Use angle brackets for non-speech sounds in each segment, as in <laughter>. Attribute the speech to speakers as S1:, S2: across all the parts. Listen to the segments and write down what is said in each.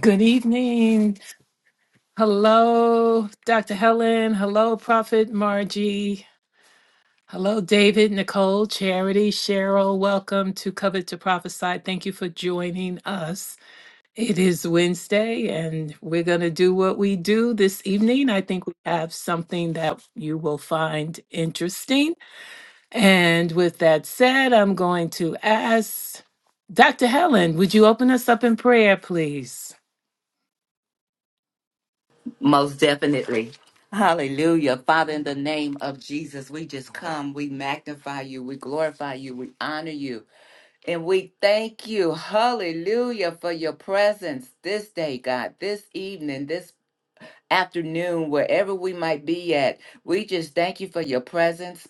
S1: Good evening. Hello, Dr. Helen. Hello, Prophet Margie. Hello, David, Nicole, Charity, Cheryl. Welcome to Covet to Prophesy. Thank you for joining us. It is Wednesday, and we're going to do what we do this evening. I think we have something that you will find interesting. And with that said, I'm going to ask Dr. Helen, would you open us up in prayer, please?
S2: Most definitely. Hallelujah. Father, in the name of Jesus, we just come. We magnify you. We glorify you. We honor you. And we thank you. Hallelujah for your presence this day, God, this evening, this afternoon, wherever we might be at. We just thank you for your presence.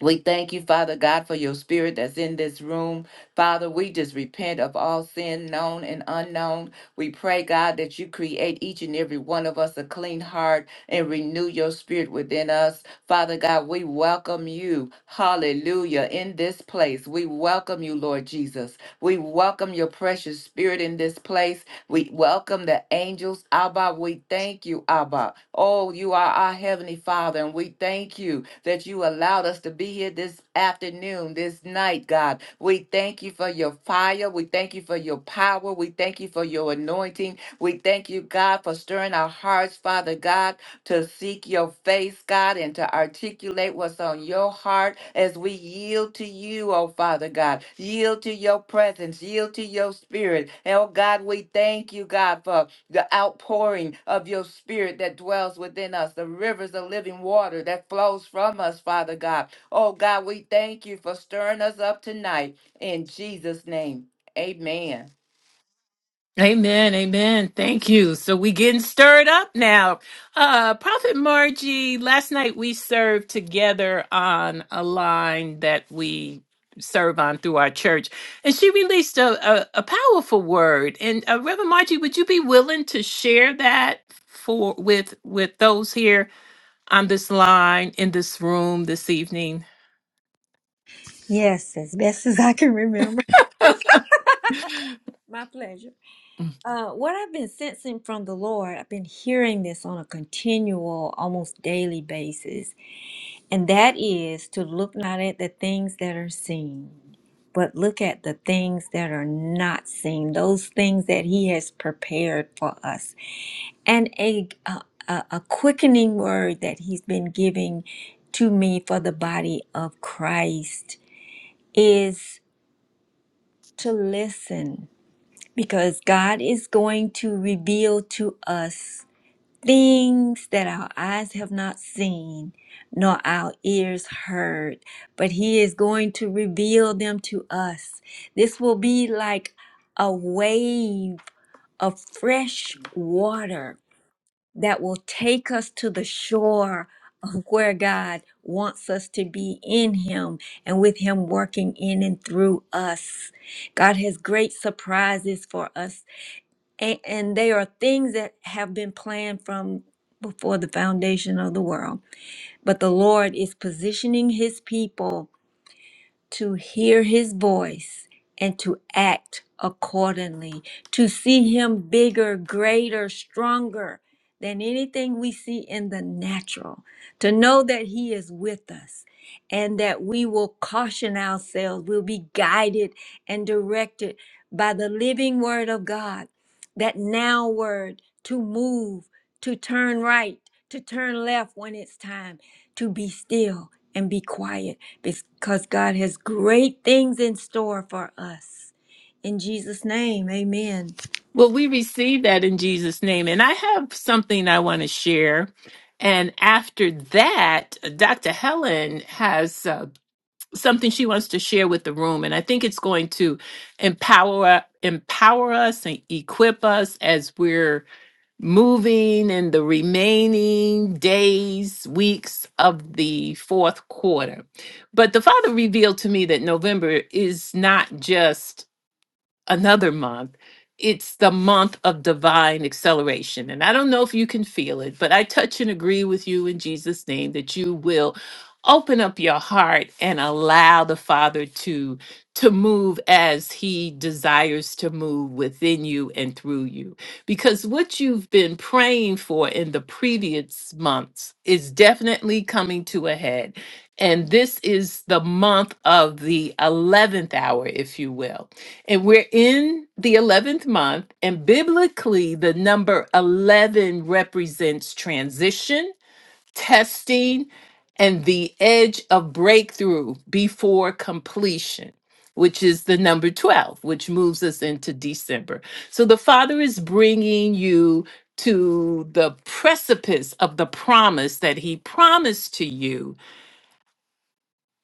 S2: We thank you, Father God, for your spirit that's in this room. Father, we just repent of all sin, known and unknown. We pray, God, that you create each and every one of us a clean heart and renew your spirit within us. Father God, we welcome you, hallelujah, in this place. We welcome you, Lord Jesus. We welcome your precious spirit in this place. We welcome the angels. Abba, we thank you, Abba. Oh, you are our Heavenly Father, and we thank you that you allowed us to be here this afternoon, this night, God. We thank you for your fire. We thank you for your power. We thank you for your anointing. We thank you, God, for stirring our hearts, Father God to seek your face, God, and to articulate what's on your heart as we yield to you, oh Father God. Yield to your presence, yield to your spirit. And oh God, we thank you, God, for the outpouring of your spirit that dwells within us, the rivers of living water that flows from us, Father God. Oh God, we thank you for stirring us up tonight in Jesus' name. Amen.
S1: Amen, amen. Thank you. So we getting stirred up now. Uh Prophet Margie, last night we served together on a line that we serve on through our church. And she released a, a, a powerful word. And uh, Reverend Margie, would you be willing to share that for with with those here on this line in this room this evening?
S3: Yes, as best as I can remember. <laughs> My pleasure. Uh, what I've been sensing from the Lord, I've been hearing this on a continual, almost daily basis, and that is to look not at the things that are seen, but look at the things that are not seen, those things that He has prepared for us. And a, a, a a quickening word that He's been giving to me for the body of Christ is to listen because God is going to reveal to us things that our eyes have not seen, nor our ears heard, but He is going to reveal them to us. This will be like a wave of fresh water that will take us to the shore of where God wants us to be in Him and with Him working in and through us. God has great surprises for us and, and they are things that have been planned from before the foundation of the world. But the Lord is positioning his people to hear his voice and to act accordingly, to see him bigger, greater, stronger than anything we see in the natural, to know that he is with us and that we will caution ourselves, we'll be guided and directed by the living word of God, that now word to move, to turn right, to turn left when it's time, to be still and be quiet because God has great things in store for us. In Jesus' name, amen.
S1: Well, we receive that in Jesus' name. And I have something I want to share. And after that, Dr. Helen has uh, something she wants to share with the room. And I think it's going to empower, empower us and equip us as we're moving in the remaining days, weeks of the fourth quarter. But the Father revealed to me that November is not just another month. It's the month of divine acceleration. And I don't know if you can feel it, but I touch and agree with you in Jesus' name that you will open up your heart and allow the Father to to move as he desires to move within you and through you. Because what you've been praying for in the previous months is definitely coming to a head. And this is the month of the 11th hour, if you will. And we're in the 11th month, and biblically, the number 11 represents transition, testing, and the edge of breakthrough before completion, which is the number 12, which moves us into December. So the Father is bringing you to the precipice of the promise that He promised to you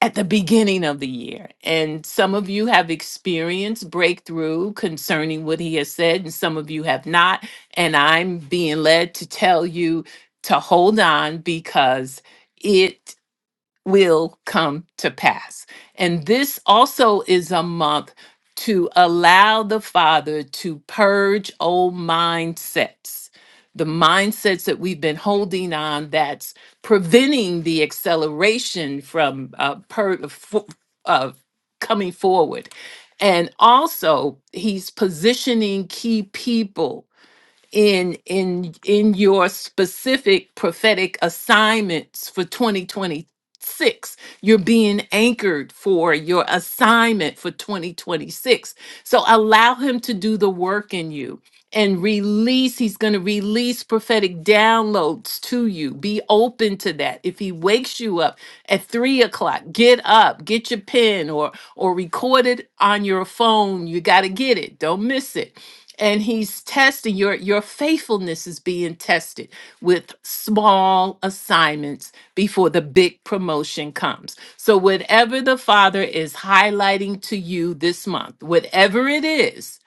S1: at the beginning of the year. And some of you have experienced breakthrough concerning what he has said, and some of you have not. And I'm being led to tell you to hold on because. it will come to pass. And this also is a month to allow the Father to purge old mindsets, the mindsets that we've been holding on that's preventing the acceleration from uh, per, fo- uh, coming forward. And also, he's positioning key people in in in your specific prophetic assignments for 2026 you're being anchored for your assignment for 2026 so allow him to do the work in you and release he's going to release prophetic downloads to you be open to that if he wakes you up at three o'clock get up get your pen or or record it on your phone you got to get it don't miss it and he's testing your your faithfulness is being tested with small assignments before the big promotion comes so whatever the father is highlighting to you this month whatever it is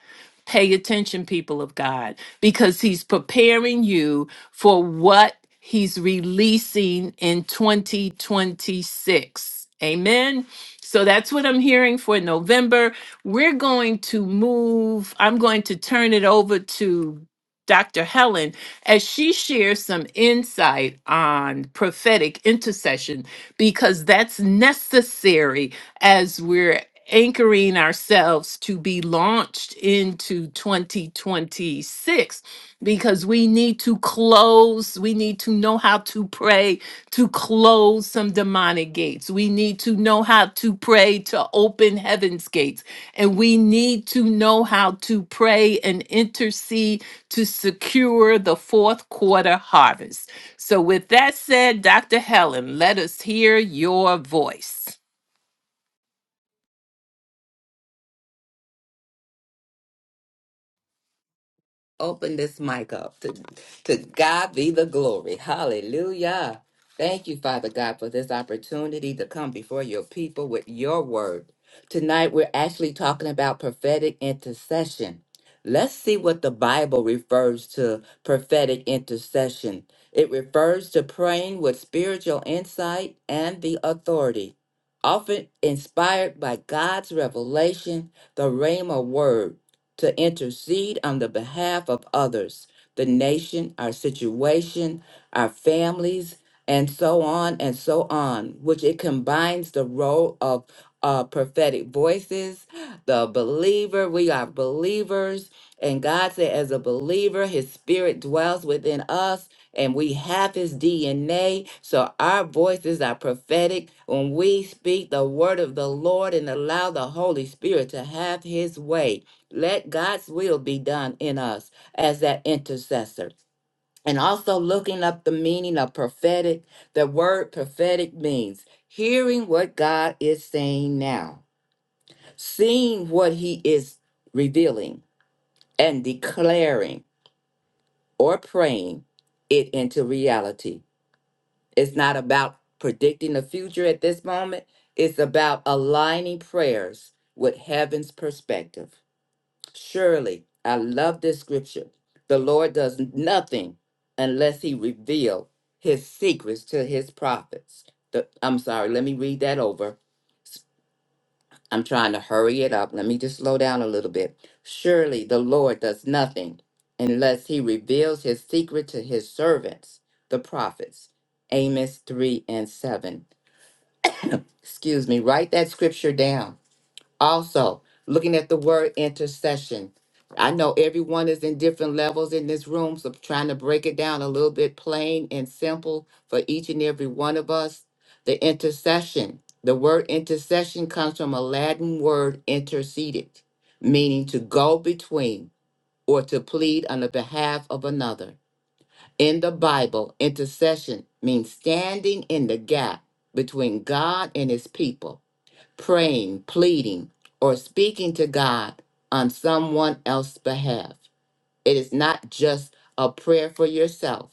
S1: Pay attention, people of God, because he's preparing you for what he's releasing in 2026. Amen. So that's what I'm hearing for November. We're going to move. I'm going to turn it over to Dr. Helen as she shares some insight on prophetic intercession because that's necessary as we're anchoring ourselves to be launched into 2026 because we need to close we need to know how to pray to close some demonic gates. We need to know how to pray to open heaven's gates. And we need to know how to pray and intercede to secure the fourth quarter harvest. So, with that said, Dr. Helen, let us hear your voice.
S2: Open this mic up. To, to God be the glory. Hallelujah. Thank you, Father God, for this opportunity to come before your people with your word. Tonight, we're actually talking about prophetic intercession. Let's see what the Bible refers to prophetic intercession. It refers to praying with spiritual insight and the authority, often inspired by God's revelation, the Rhema word to intercede on the behalf of others, the nation, our situation, our families, and so on and so on, which it combines the role of uh, prophetic voices, the believer. We are believers. And God said, as a believer, his spirit dwells within us and we have his DNA. So our voices are prophetic. When we speak the word of the Lord and allow the Holy Spirit to have his way, let God's will be done in us as that intercessor. And also looking up the meaning of prophetic, the word prophetic means hearing what God is saying now, seeing what he is revealing, and declaring or praying it into reality. It's not about predicting the future at this moment, it's about aligning prayers with heaven's perspective. Surely, I love this scripture. The Lord does nothing unless he reveal his secrets to his prophets. The, I'm sorry, let me read that over. I'm trying to hurry it up. Let me just slow down a little bit. Surely the Lord does nothing unless he reveals his secret to his servants, the prophets. Amos 3 and 7. Excuse me, write that scripture down Also, looking at the word intercession, I know everyone is in different levels in this room, so trying to break it down a little bit plain and simple for each and every one of us. The intercession, the word intercession comes from a Latin word interceded, meaning to go between or to plead on the behalf of another. In the Bible, intercession means standing in the gap between God and his people praying, pleading, or speaking to God on someone else's behalf. It is not just a prayer for yourself,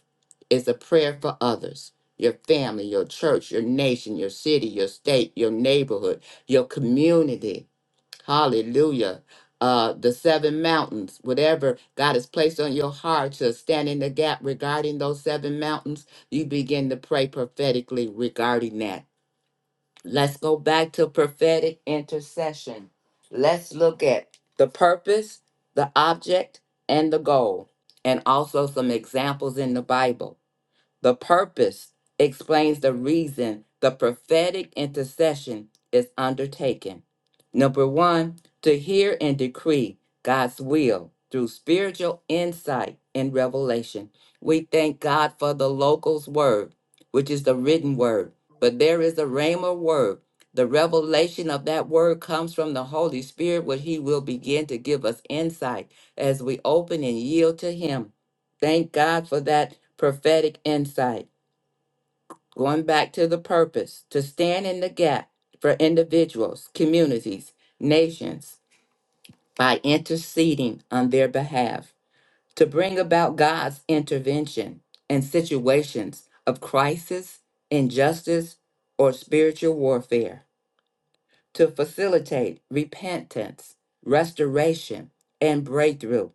S2: it's a prayer for others your family, your church, your nation, your city, your state, your neighborhood, your community. Hallelujah. Uh, the seven mountains, whatever God has placed on your heart to stand in the gap regarding those seven mountains, you begin to pray prophetically regarding that Let's go back to prophetic intercession. Let's look at the purpose, the object, and the goal, and also some examples in the Bible. The purpose explains the reason the prophetic intercession is undertaken. Number one, to hear and decree God's will through spiritual insight and revelation. We thank God for the local's word, which is the written word, but there is a rhema word. The revelation of that word comes from the Holy Spirit, where He will begin to give us insight as we open and yield to Him. Thank God for that prophetic insight. Going back to the purpose to stand in the gap for individuals, communities, nations by interceding on their behalf, to bring about God's intervention in situations of crisis, injustice, or spiritual warfare, to facilitate repentance, restoration, and breakthrough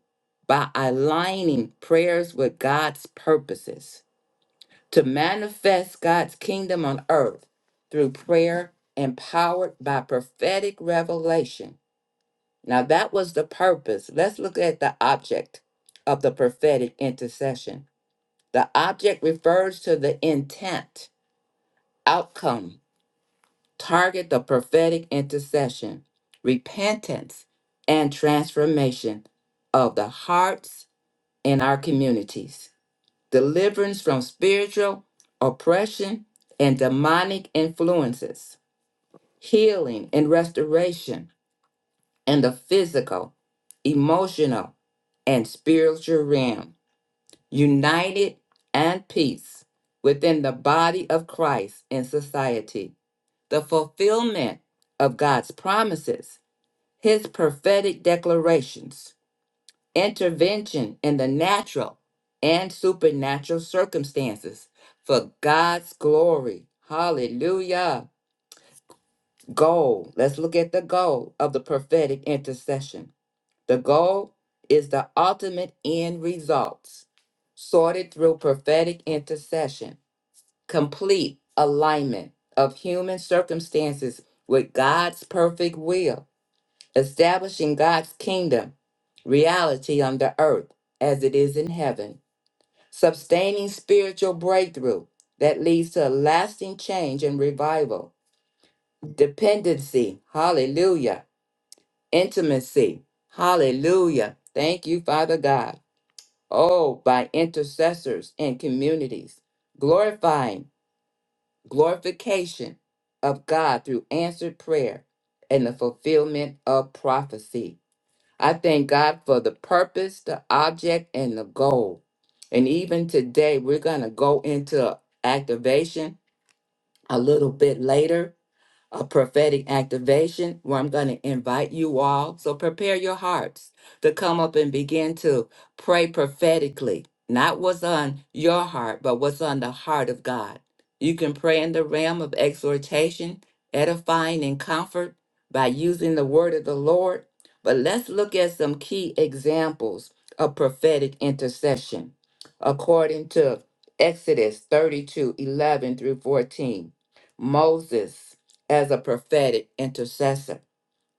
S2: by aligning prayers with God's purposes to manifest God's kingdom on earth through prayer empowered by prophetic revelation. Now, that was the purpose. Let's look at the object of the prophetic intercession. The object refers to the intent, outcome, target the prophetic intercession, repentance, and transformation of the hearts in our communities. deliverance from spiritual oppression and demonic influences, healing and restoration in the physical, emotional, and spiritual realm, united and peace within the body of Christ and society, the fulfillment of God's promises, his prophetic declarations, intervention in the natural and supernatural circumstances for God's glory. Hallelujah. Goal. Let's look at the goal of the prophetic intercession. The goal is the ultimate end results sorted through prophetic intercession, complete alignment of human circumstances with God's perfect will establishing God's kingdom reality on the earth as it is in heaven, sustaining spiritual breakthrough that leads to a lasting change and revival, dependency, hallelujah, intimacy, hallelujah. Thank you, Father God. Oh, by intercessors and communities, glorifying, glorification of God through answered prayer and the fulfillment of prophecy. I thank God for the purpose, the object, and the goal. And even today, we're going to go into activation a little bit later a prophetic activation where I'm going to invite you all. So prepare your hearts to come up and begin to pray prophetically, not what's on your heart, but what's on the heart of God. You can pray in the realm of exhortation, edifying, and comfort by using the word of the Lord. But let's look at some key examples of prophetic intercession according to Exodus 32, 11 through 14. Moses as a prophetic intercessor.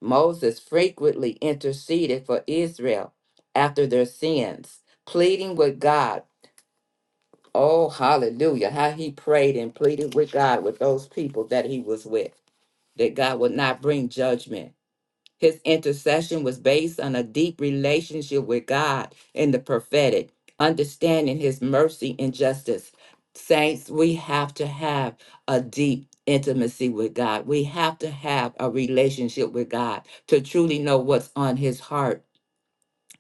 S2: Moses frequently interceded for Israel after their sins, pleading with God. Oh, hallelujah. How he prayed and pleaded with God with those people that he was with, that God would not bring judgment. His intercession was based on a deep relationship with God in the prophetic, understanding his mercy and justice. Saints, we have to have a deep intimacy with God. We have to have a relationship with God to truly know what's on his heart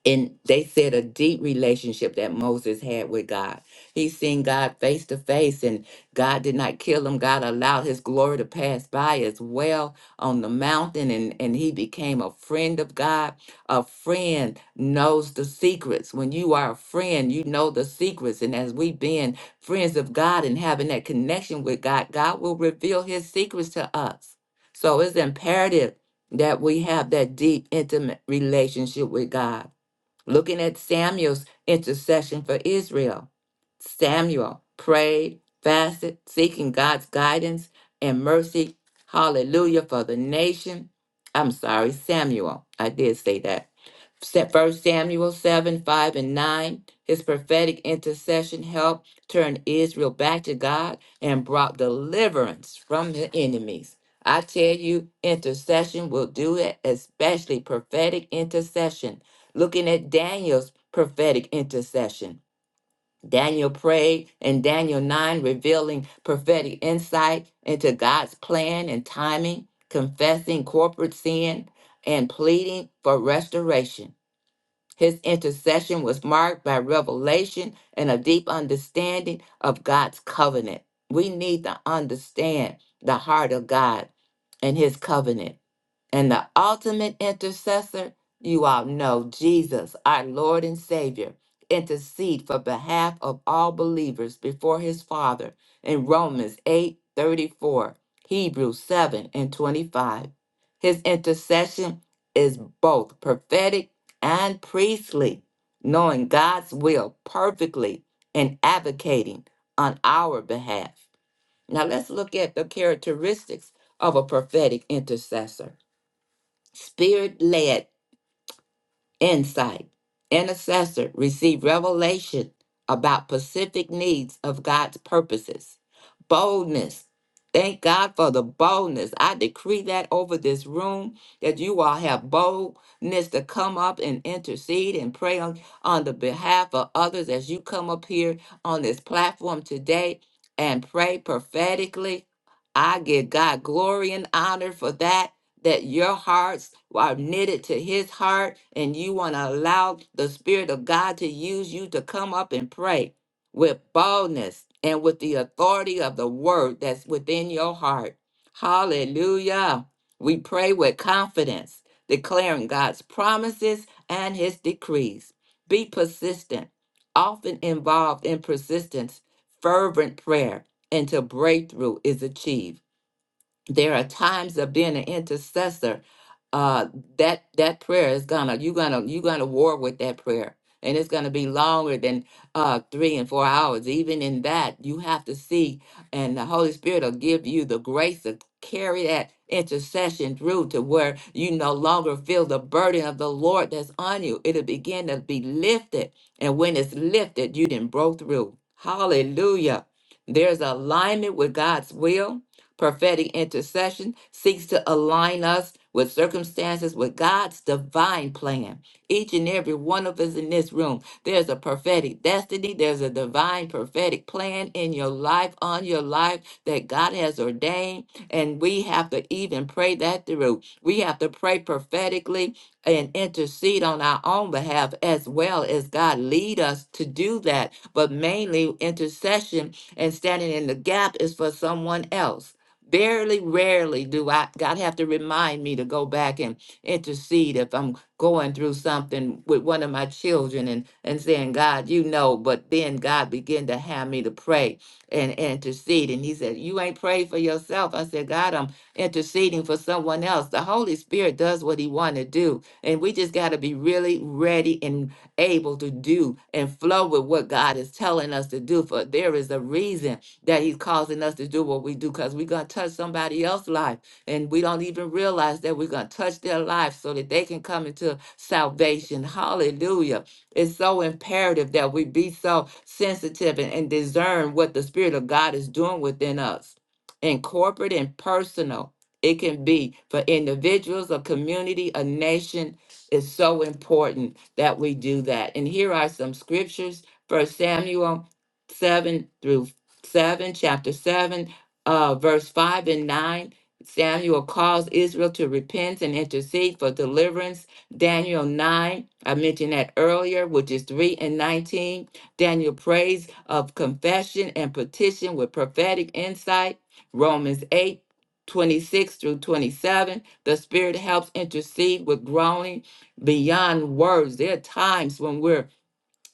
S2: and they said a deep relationship that Moses had with God. He seen God face to face, and God did not kill him. God allowed his glory to pass by as well on the mountain, and, and he became a friend of God. A friend knows the secrets. When you are a friend, you know the secrets. And as we being friends of God and having that connection with God, God will reveal his secrets to us. So it's imperative that we have that deep, intimate relationship with God. Looking at Samuel's intercession for Israel, Samuel prayed, fasted, seeking God's guidance and mercy. Hallelujah for the nation. I'm sorry, Samuel. I did say that. First Samuel 7, 5 and 9. His prophetic intercession helped turn Israel back to God and brought deliverance from the enemies. I tell you, intercession will do it, especially prophetic intercession. Looking at Daniel's prophetic intercession. Daniel prayed in Daniel 9, revealing prophetic insight into God's plan and timing, confessing corporate sin, and pleading for restoration. His intercession was marked by revelation and a deep understanding of God's covenant. We need to understand the heart of God and his covenant. And the ultimate intercessor, you all know, Jesus, our Lord and Savior, intercede for behalf of all believers before his Father in Romans 8 34, Hebrews 7 and 25. His intercession is both prophetic and priestly, knowing God's will perfectly and advocating on our behalf. Now let's look at the characteristics of a prophetic intercessor. Spirit led insight. Intercessor receive revelation about specific needs of God's purposes. Boldness. Thank God for the boldness. I decree that over this room that you all have boldness to come up and intercede and pray on, on the behalf of others as you come up here on this platform today and pray prophetically. I give God glory and honor for that that your hearts are knitted to his heart and you want to allow the Spirit of God to use you to come up and pray with boldness and with the authority of the word that's within your heart. Hallelujah. We pray with confidence, declaring God's promises and his decrees. Be persistent, often involved in persistence, fervent prayer until breakthrough is achieved there are times of being an intercessor uh that that prayer is gonna you're gonna you're gonna war with that prayer and it's gonna be longer than uh three and four hours even in that you have to see and the holy spirit will give you the grace to carry that intercession through to where you no longer feel the burden of the lord that's on you it'll begin to be lifted and when it's lifted you didn't broke through hallelujah there's alignment with god's will Prophetic intercession seeks to align us with circumstances with God's divine plan. Each and every one of us in this room, there's a prophetic destiny, there's a divine prophetic plan in your life, on your life that God has ordained. And we have to even pray that through. We have to pray prophetically and intercede on our own behalf as well as God lead us to do that. But mainly intercession and standing in the gap is for someone else. Barely, rarely do I God have to remind me to go back and intercede if I'm going through something with one of my children and and saying, God, you know, but then God began to have me to pray and, and intercede. And he said, You ain't prayed for yourself. I said, God, I'm interceding for someone else. The Holy Spirit does what he want to do. And we just gotta be really ready and able to do and flow with what God is telling us to do. For there is a reason that he's causing us to do what we do because we're going to touch somebody else's life and we don't even realize that we're going to touch their life so that they can come into salvation hallelujah it's so imperative that we be so sensitive and, and discern what the spirit of god is doing within us in corporate and personal it can be for individuals a community a nation it's so important that we do that and here are some scriptures first samuel 7 through 7, chapter 7, uh, verse 5 and 9. Samuel calls Israel to repent and intercede for deliverance. Daniel 9, I mentioned that earlier, which is 3 and 19. Daniel prays of confession and petition with prophetic insight. Romans 8 26 through 27. The Spirit helps intercede with groaning beyond words. There are times when we're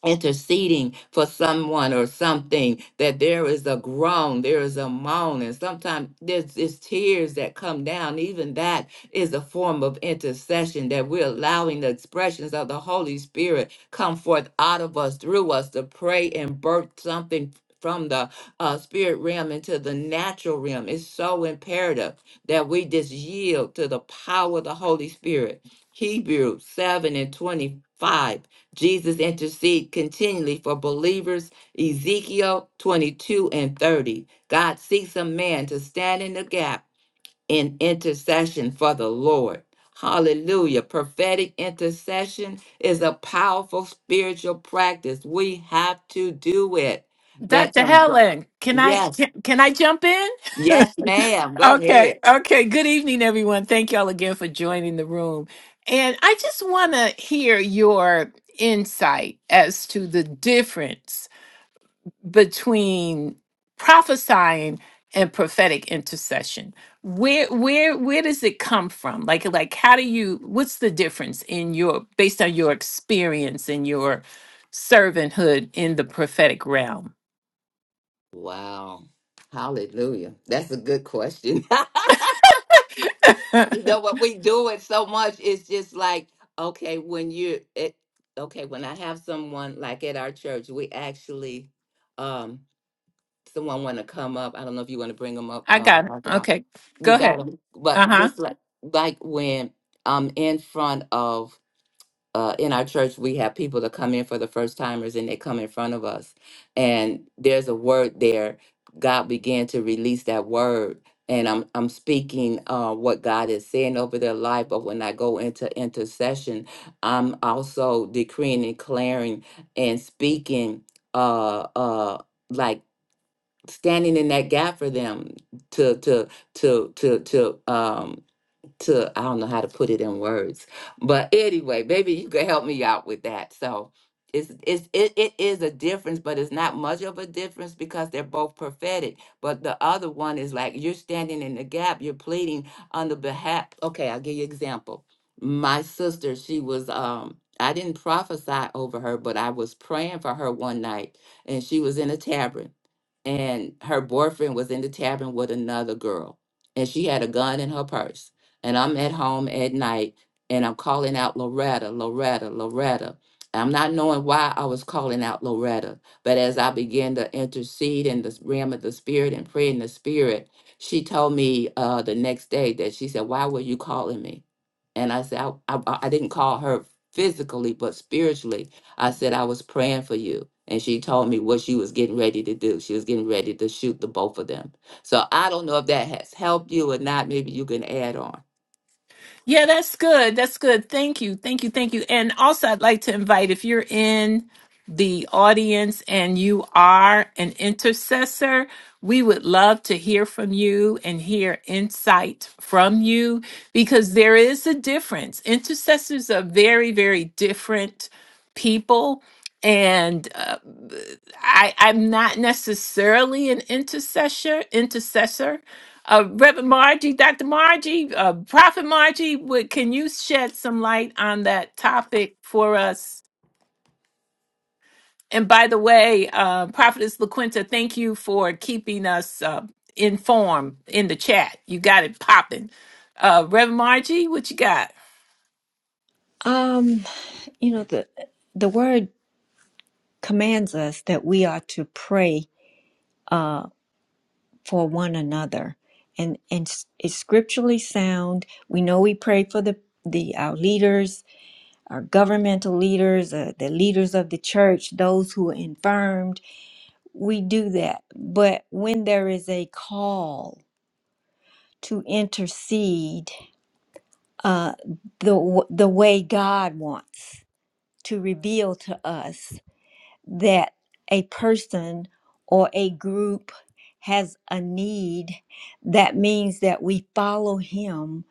S2: interceding for someone or something that there is a groan there is a moan and sometimes there's, there's tears that come down even that is a form of intercession that we're allowing the expressions of the holy spirit come forth out of us through us to pray and birth something from the uh, spirit realm into the natural realm it's so imperative that we just yield to the power of the holy spirit hebrews 7 and 25 Jesus intercede continually for believers. Ezekiel 22 and 30. God seeks a man to stand in the gap in intercession for the Lord. Hallelujah. Prophetic intercession is a powerful spiritual practice. We have to do it. That
S1: Dr.
S2: can, br-
S1: Helen, can I
S2: yes,
S1: can, can I jump in?
S2: yes, ma'am. Go
S1: Okay,
S2: ahead.
S1: okay. Good evening, everyone. Thank y'all again for joining the room. And I just want to hear your insight as to the difference between prophesying and prophetic intercession. Where where where does it come from? Like like how do you what's the difference in your based on your experience and your servanthood in the prophetic realm?
S2: Wow. Hallelujah. That's a good question. <laughs>
S1: <laughs>
S2: You know what we do it so much. It's just like okay when you it okay when I have someone like at our church, we actually um someone want to come up. I don't know if you want to bring them up,
S1: I
S2: uh,
S1: got it.
S2: Dr. Bob.
S1: Okay.
S2: You
S1: Go
S2: got
S1: ahead.
S2: them, but
S1: Uh-huh.
S2: just like like when I'm in front of uh, in our church, we have people that come in for the first timers and they come in front of us. And there's a word there. God began to release that word. And I'm, I'm speaking uh, what God is saying over their life. But when I go into intercession, I'm also decreeing and declaring and speaking, uh, uh, like standing in that gap for them to, to, to, to, to, um to I don't know how to put it in words. But anyway, maybe you can help me out with that. So it's it's it, it is a difference, but it's not much of a difference because they're both prophetic. But the other one is like you're standing in the gap, you're pleading on the behalf okay, I'll give you an example. My sister, she was um I didn't prophesy over her, but I was praying for her one night and she was in a tavern and her boyfriend was in the tavern with another girl and she had a gun in her purse and I'm at home at night and I'm calling out Loretta, Loretta, Loretta. I'm not knowing why I was calling out Loretta, but as I began to intercede in the realm of the spirit and pray in the spirit, she told me uh, the next day that she said, Why were you calling me? And I said, I, I, I didn't call her physically, but spiritually. I said, I was praying for you. And she told me what she was getting ready to do. She was getting ready to shoot the both of them. So I don't know if that has helped you or not. Maybe you can add on.
S1: Yeah, that's good. That's good. Thank you. Thank you. Thank you. And also, I'd like to invite if you're in the audience and you are an intercessor, we would love to hear from you and hear insight from you because there is a difference. Intercessors are very, very different people. And uh, I, I'm not necessarily an intercessor. Intercessor. Uh, Reverend Margie, Dr. Margie, uh, Prophet Margie, would, can you shed some light on that topic for us? And by the way, uh, Prophetess LaQuinta, thank you for keeping us uh, informed in the chat. You got it popping. Uh, Reverend Margie, what you got?
S3: Um, you know, the the word commands us that we are to pray uh for one another. And and s- it's scripturally sound. We know we pray for the the our leaders, our governmental leaders, uh, the leaders of the church, those who are infirmed. We do that. But when there is a call to intercede uh, the w- the way God wants to reveal to us that a person or a group has a need. That means that we follow Him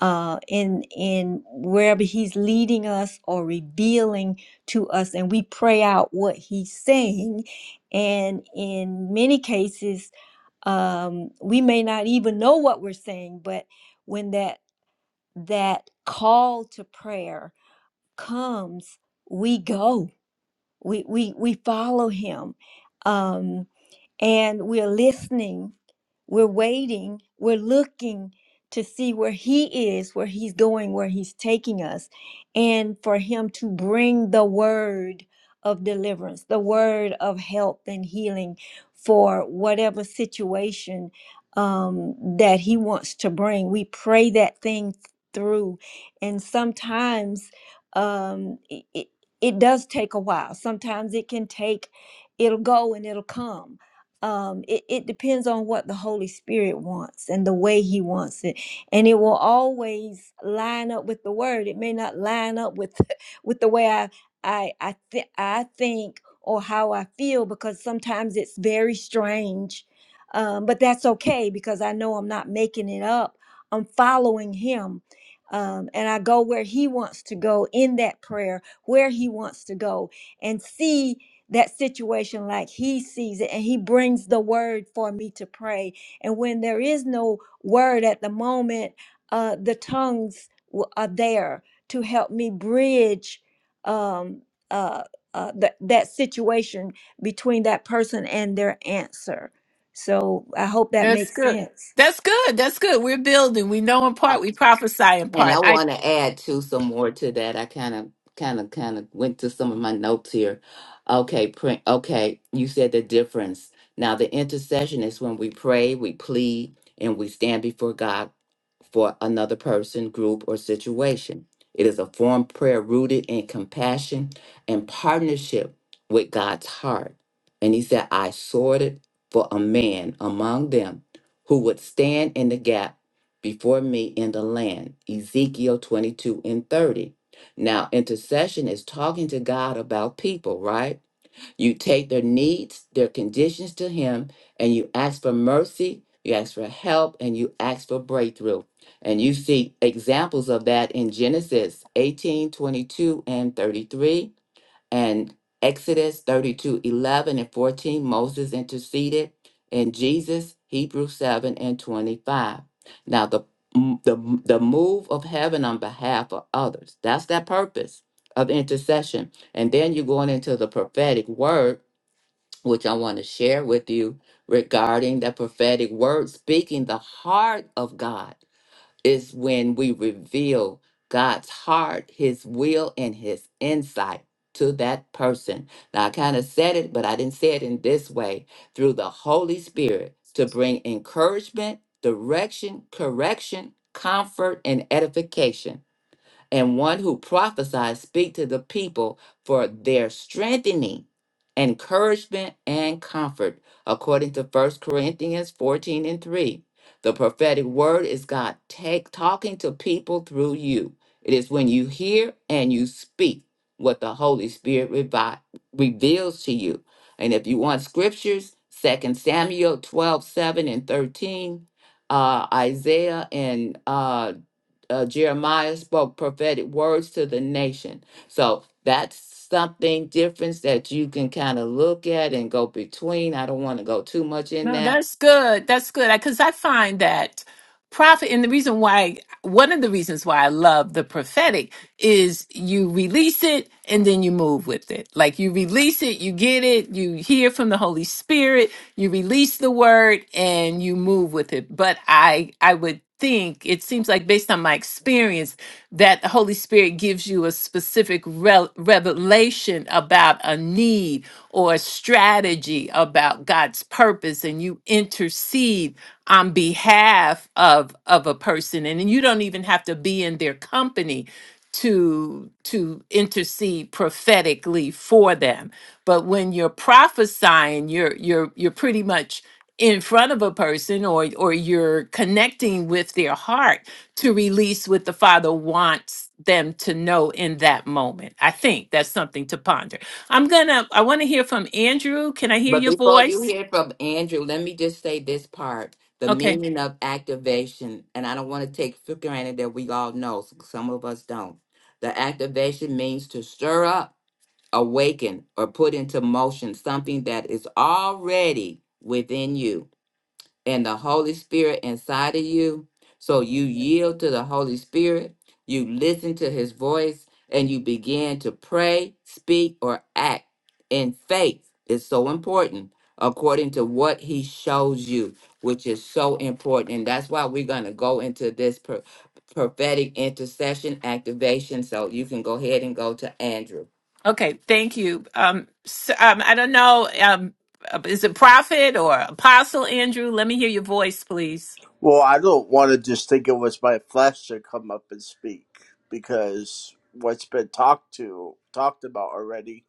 S3: uh, in in wherever He's leading us or revealing to us, and we pray out what He's saying. And in many cases, um, we may not even know what we're saying, but when that that call to prayer comes, we go. We we we follow him. Um and we're listening, we're waiting, we're looking to see where He is, where He's going, where He's taking us, and for Him to bring the word of deliverance, the word of help and healing for whatever situation um, that He wants to bring. We pray that thing through, and sometimes um, it, it it does take a while. Sometimes it can take, it'll go and it'll come um it, it depends on what the holy spirit wants and the way he wants it and it will always line up with the word it may not line up with <laughs> with the way i i i, th- I think or how i feel because sometimes it's very strange um but that's okay because i know i'm not making it up i'm following him um, and I go where he wants to go in that prayer, where he wants to go, and see that situation like he sees it and he brings the word for me to pray and when there is no word at the moment uh the tongues w- are there to help me bridge um uh, uh that that situation between that person and their answer so i hope that
S1: That's
S3: makes
S1: good.
S3: sense
S1: That's good. That's good. We're building. We know in
S2: Oh,
S1: part, we prophesy in
S2: And
S1: part.
S2: I
S1: I
S2: want to add to some more to that. I kind of, kind of, kind of went to some of my notes here. Okay, print. Okay, you said the difference. Now, the intercession is when we pray, we plead, and we stand before God for another person, group, or situation. It is a form of prayer rooted in compassion and partnership with God's heart. And he said, I sorted for a man among them who would stand in the gap before me in the land. Ezekiel 22 and 30. Now, intercession is talking to God about people, right? You take their needs, their conditions to Him, and you ask for mercy, you ask for help, and you ask for breakthrough. And you see examples of that in Genesis 18, 22, and 33. And Exodus 32 11 and 14, Moses interceded. And Jesus, Hebrews 7 and 25. Now, the, the, the move of heaven on behalf of others, that's that purpose of intercession. And then you're going into the prophetic word, which I want to share with you regarding the prophetic word, speaking the heart of God is when we reveal God's heart, His will, and His insight to that person. Now, I kind of said it, but I didn't say it in this way through the Holy Spirit to bring encouragement, direction, correction, comfort, and edification and one who prophesies speak to the people for their strengthening, encouragement, and comfort, according to First Corinthians 14 and 3. The prophetic word is God take, talking to people through you. It is when you hear and you speak what the Holy Spirit revi- reveals to you. And if you want scriptures, Second Samuel 12 7 and 13, uh, Isaiah and uh, uh, Jeremiah spoke prophetic words to the nation. So that's something difference that you can kind of look at and go between. I don't want to go too much in
S1: No,
S2: that.
S1: that's good. That's good. Because I, 'cause I find that prophet, and the reason why, one of the reasons why I love the prophetic is you release it and then you move with it. Like you release it, you get it, you hear from the Holy Spirit, you release the word and you move with it. But I, I would think it seems like based on my experience that the holy spirit gives you a specific rel revelation about a need or a strategy about god's purpose and you intercede on behalf of of a person and then you don't even have to be in their company to to intercede prophetically for them but when you're prophesying you're you're you're pretty much in front of a person or or you're connecting with their heart to release what the father wants them to know in that moment i think that's something to ponder i'm gonna i want to hear from andrew can i hear
S2: But
S1: your
S2: before you
S1: voice
S2: hear from Andrew, let me just say this part the
S1: okay
S2: meaning of activation. And I don't want to take for granted that we all know, some of us don't. The activation means to stir up, awaken, or put into motion something that is already within you and the Holy Spirit inside of you. So you yield to the Holy Spirit, you listen to his voice, and you begin to pray, speak, or act in faith. Is so important according to what he shows you, which is so important. And that's why we're going to go into this pro- prophetic intercession activation. So you can go ahead and go to Andrew.
S1: okay thank you um, so, um i don't know um uh, is it prophet or apostle andrew let me hear your voice please
S4: Well, I don't want to just think it was my flesh to come up and speak because what's been talked to talked about already,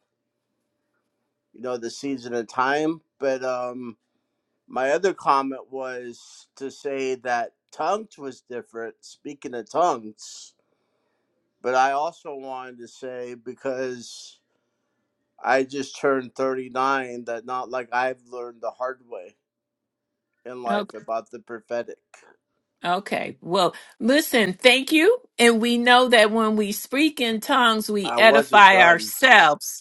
S4: you know, the season of time. But um my other comment was to say that tongues was different, speaking of tongues. But I also wanted to say because I just turned 39 that not like I've learned the hard way in life
S1: okay
S4: about the prophetic.
S1: Okay. Well, listen, thank you. And we know that when we speak in tongues, we
S4: I wasn't
S1: edify
S4: done
S1: ourselves.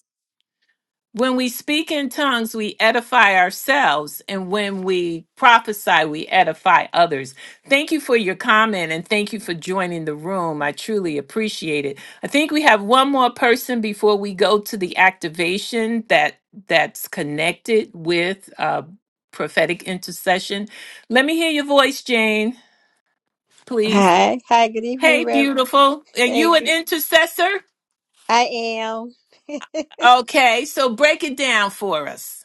S1: When we speak in tongues, we edify ourselves. And when we prophesy, we edify others. Thank you for your comment and thank you for joining the room. I truly appreciate it. I think we have one more person before we go to the activation that that's connected with uh, prophetic intercession. Let me hear your voice, Jane, please.
S5: Hi, hi, good evening,
S1: Hey,
S5: Reverend.
S1: beautiful. Are
S5: Hey,
S1: you an
S5: good-
S1: intercessor?
S5: I am. <laughs>
S1: Okay, so break it down for us.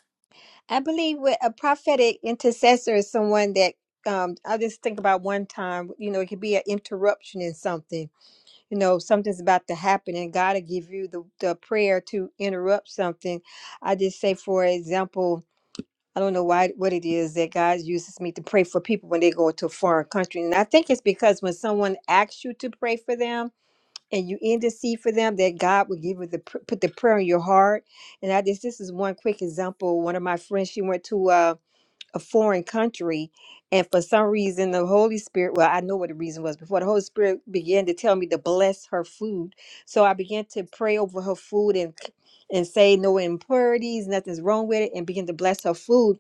S5: I believe with a prophetic intercessor is someone that um I just think about one time, you know, it could be an interruption in something. You know, something's about to happen and God will give you the, the prayer to interrupt something. I just say for example, I don't know why what it is that God uses me to pray for people when they go to a foreign country. And I think it's because when someone asks you to pray for them, and you intercede for them that god will give you the pr- put the prayer in your heart and i just this is one quick example one of my friends she went to uh, a foreign country and for some reason the holy spirit well i know what the reason was before the holy spirit began to tell me to bless her food so i began to pray over her food and and say no impurities nothing's wrong with it and begin to bless her food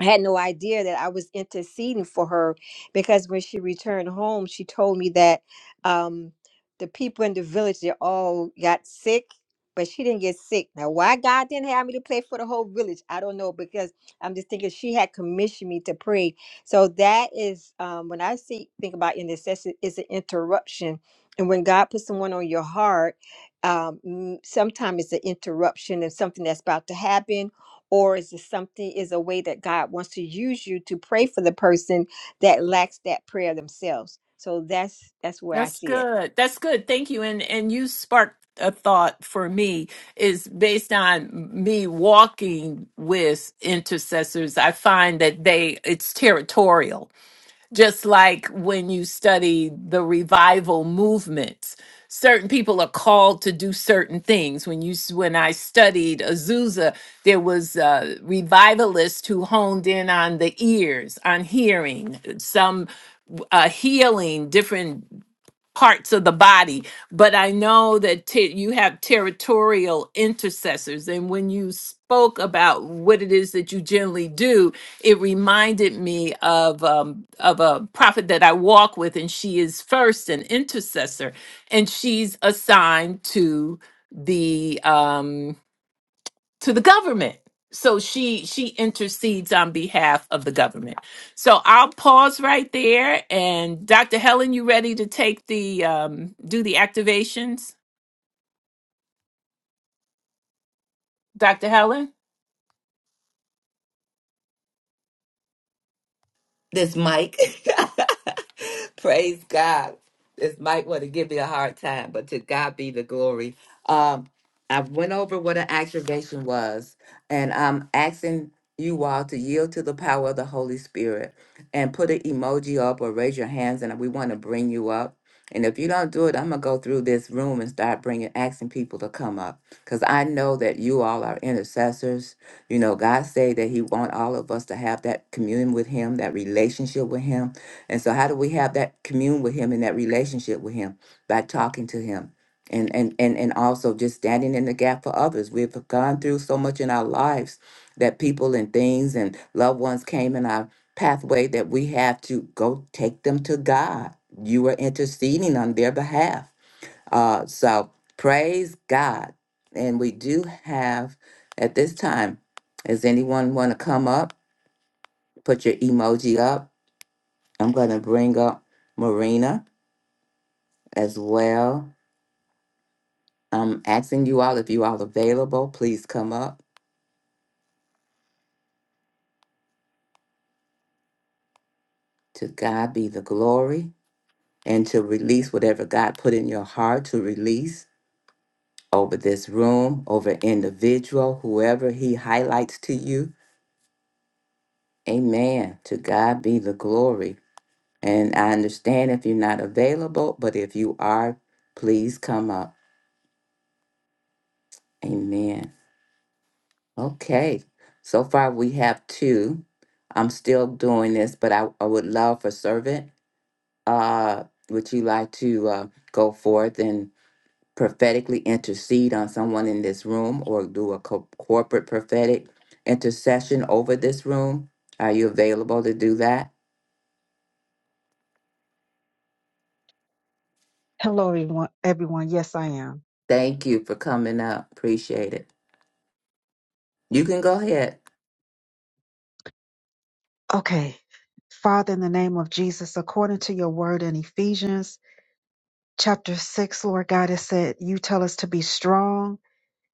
S5: I had no idea that I was interceding for her because when she returned home, she told me that um, the people in the village they all got sick, but she didn't get sick. Now, why God didn't have me to pray for the whole village, I don't know. Because I'm just thinking she had commissioned me to pray. So that is um, when I see think about intercession is an interruption, and when God puts someone on your heart, um, sometimes it's an interruption of something that's about to happen or is it something is a way that god wants to use you to pray for the person that lacks that prayer themselves so that's that's where i
S1: That's
S5: see it
S1: good. That's good. Thank you. And and you sparked a thought for me is based on me walking with intercessors. I find that they it's territorial. Just like when you study the revival movements, certain people are called to do certain things. When you s- when I studied Azusa, there was a revivalist who honed in on the ears, on hearing. Some uh, healing different parts of the body but i know that te- you have territorial intercessors and when you spoke about what it is that you generally do it reminded me of um, of a prophet that i walk with and she is first an intercessor and she's assigned to the um, to the government. So she she intercedes on behalf of the government. So I'll pause right there. And Dr. Helen, you ready to take the um, do the activations, Dr. Helen?
S2: This mic. <laughs> Praise God. This mic want to give me a hard time, but to God be the glory. Um, I went over what an activation was, and I'm asking you all to yield to the power of the Holy Spirit and put an emoji up or raise your hands, and we want to bring you up. And if you don't do it, I'm gonna go through this room and start bringing, asking people to come up, because I know that you all are intercessors. You know, God say that He want all of us to have that communion with Him, that relationship with Him. And so, how do we have that commune with Him and that relationship with Him by talking to Him? And, and, and, and also just standing in the gap for others. We've gone through so much in our lives that people and things and loved ones came in our pathway that we have to go take them to God. You are interceding on their behalf uh, so praise God. And we do have at this time, does anyone want to come up? Put your emoji up. I'm going to bring up Marina as well. I'm asking you all if you all available, please come up. To God be the glory and to release whatever God put in your heart to release over this room, over individual, whoever he highlights to you. Amen. To God be the glory. And I understand if you're not available, but if you are, please come up. Amen. Okay. So far, we have two. I'm still doing this, but I, I would love for servant. Uh, would you like to uh, go forth and prophetically intercede on someone in this room or do a co- corporate prophetic intercession over this room? Are you available to do that?
S6: Hello, everyone. Everyone, yes, I am.
S2: Thank you for coming up. Appreciate it. You can go ahead.
S6: Okay, Father, in the name of Jesus, according to your word in Ephesians chapter 6, Lord God, it said, You tell us to be strong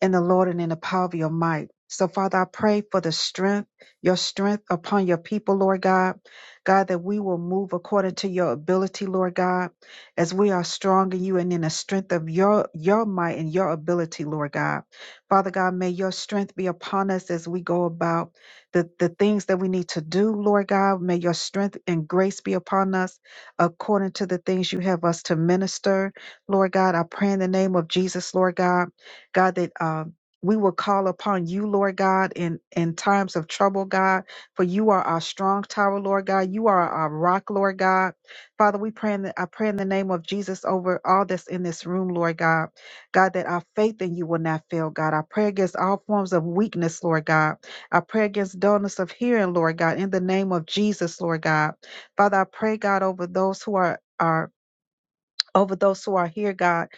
S6: in the Lord and in the power of your might. So, Father, I pray for the strength, your strength upon your people, Lord God. God, that we will move according to your ability, Lord God, as we are strong in you and in the strength of your, your might and your ability, Lord God. Father God, may your strength be upon us as we go about the, the things that we need to do, Lord God. May your strength and grace be upon us according to the things you have us to minister, Lord God. I pray in the name of Jesus, Lord God God, that um, we will call upon you, Lord God, in, in times of trouble, God, for you are our strong tower, Lord God. You are our rock, Lord God. Father, we pray in the, I pray in the name of Jesus over all that's in this room, Lord God. God, that our faith in you will not fail, God. I pray against all forms of weakness, Lord God. I pray against dullness of hearing, Lord God, in the name of Jesus, Lord God. Father, I pray, God, over those who are. are over those who are here, God.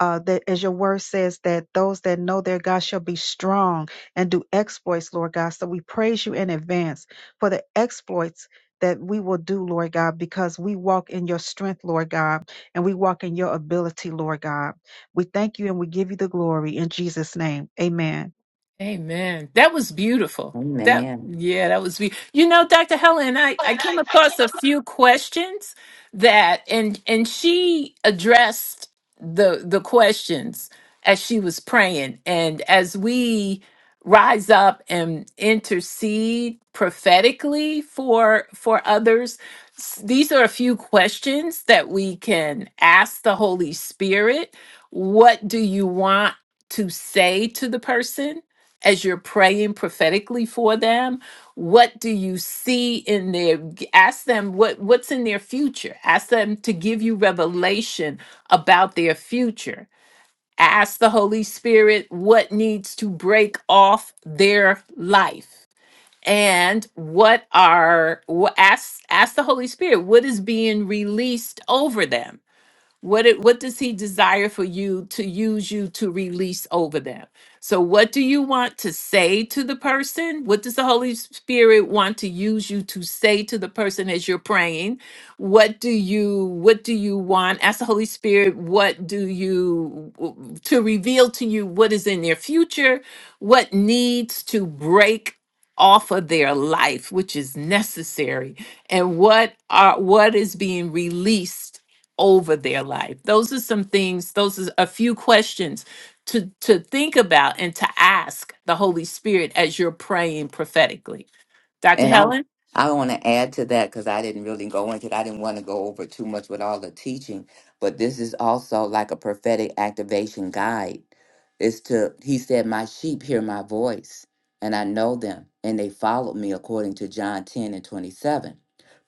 S6: Uh, that as your word says that those that know their God shall be strong and do exploits, Lord God. So we praise you in advance for the exploits that we will do, Lord God, because we walk in your strength, Lord God, and we walk in your ability, Lord God. We thank you and we give you the glory in Jesus' name. Amen.
S1: Amen. That was beautiful. That
S2: Amen.
S1: yeah, that was be you know, Dr. Helen, I, I came across a few questions that and and she addressed the the questions as she was praying. And as we rise up and intercede prophetically for for others, s- these are a few questions that we can ask the Holy Spirit. What do you want to say to the person? as you're praying prophetically for them what do you see in their g- ask them what what's in their future ask them to give you revelation about their future ask the holy spirit what needs to break off their life and what are wh- ask ask the holy spirit what is being released over them what it, what does he desire for you to use you to release over them? So what do you want to say to the person? What does the Holy Spirit want to use you to say to the person as you're praying? What do you what do you want? Ask the Holy Spirit, what do you w- to reveal to you what is in their future, what needs to break off of their life which is necessary and what are what is being released over their life those are some things those are a few questions to to think about and to ask the holy spirit as you're praying prophetically dr
S2: And I
S1: helen
S2: I want to add to that because I didn't really go into it. I didn't want to go over too much with all the teaching, but this is also like a prophetic activation guide. It's to he said, My sheep hear my voice, and I know them, and they follow me according to John 10 and 27.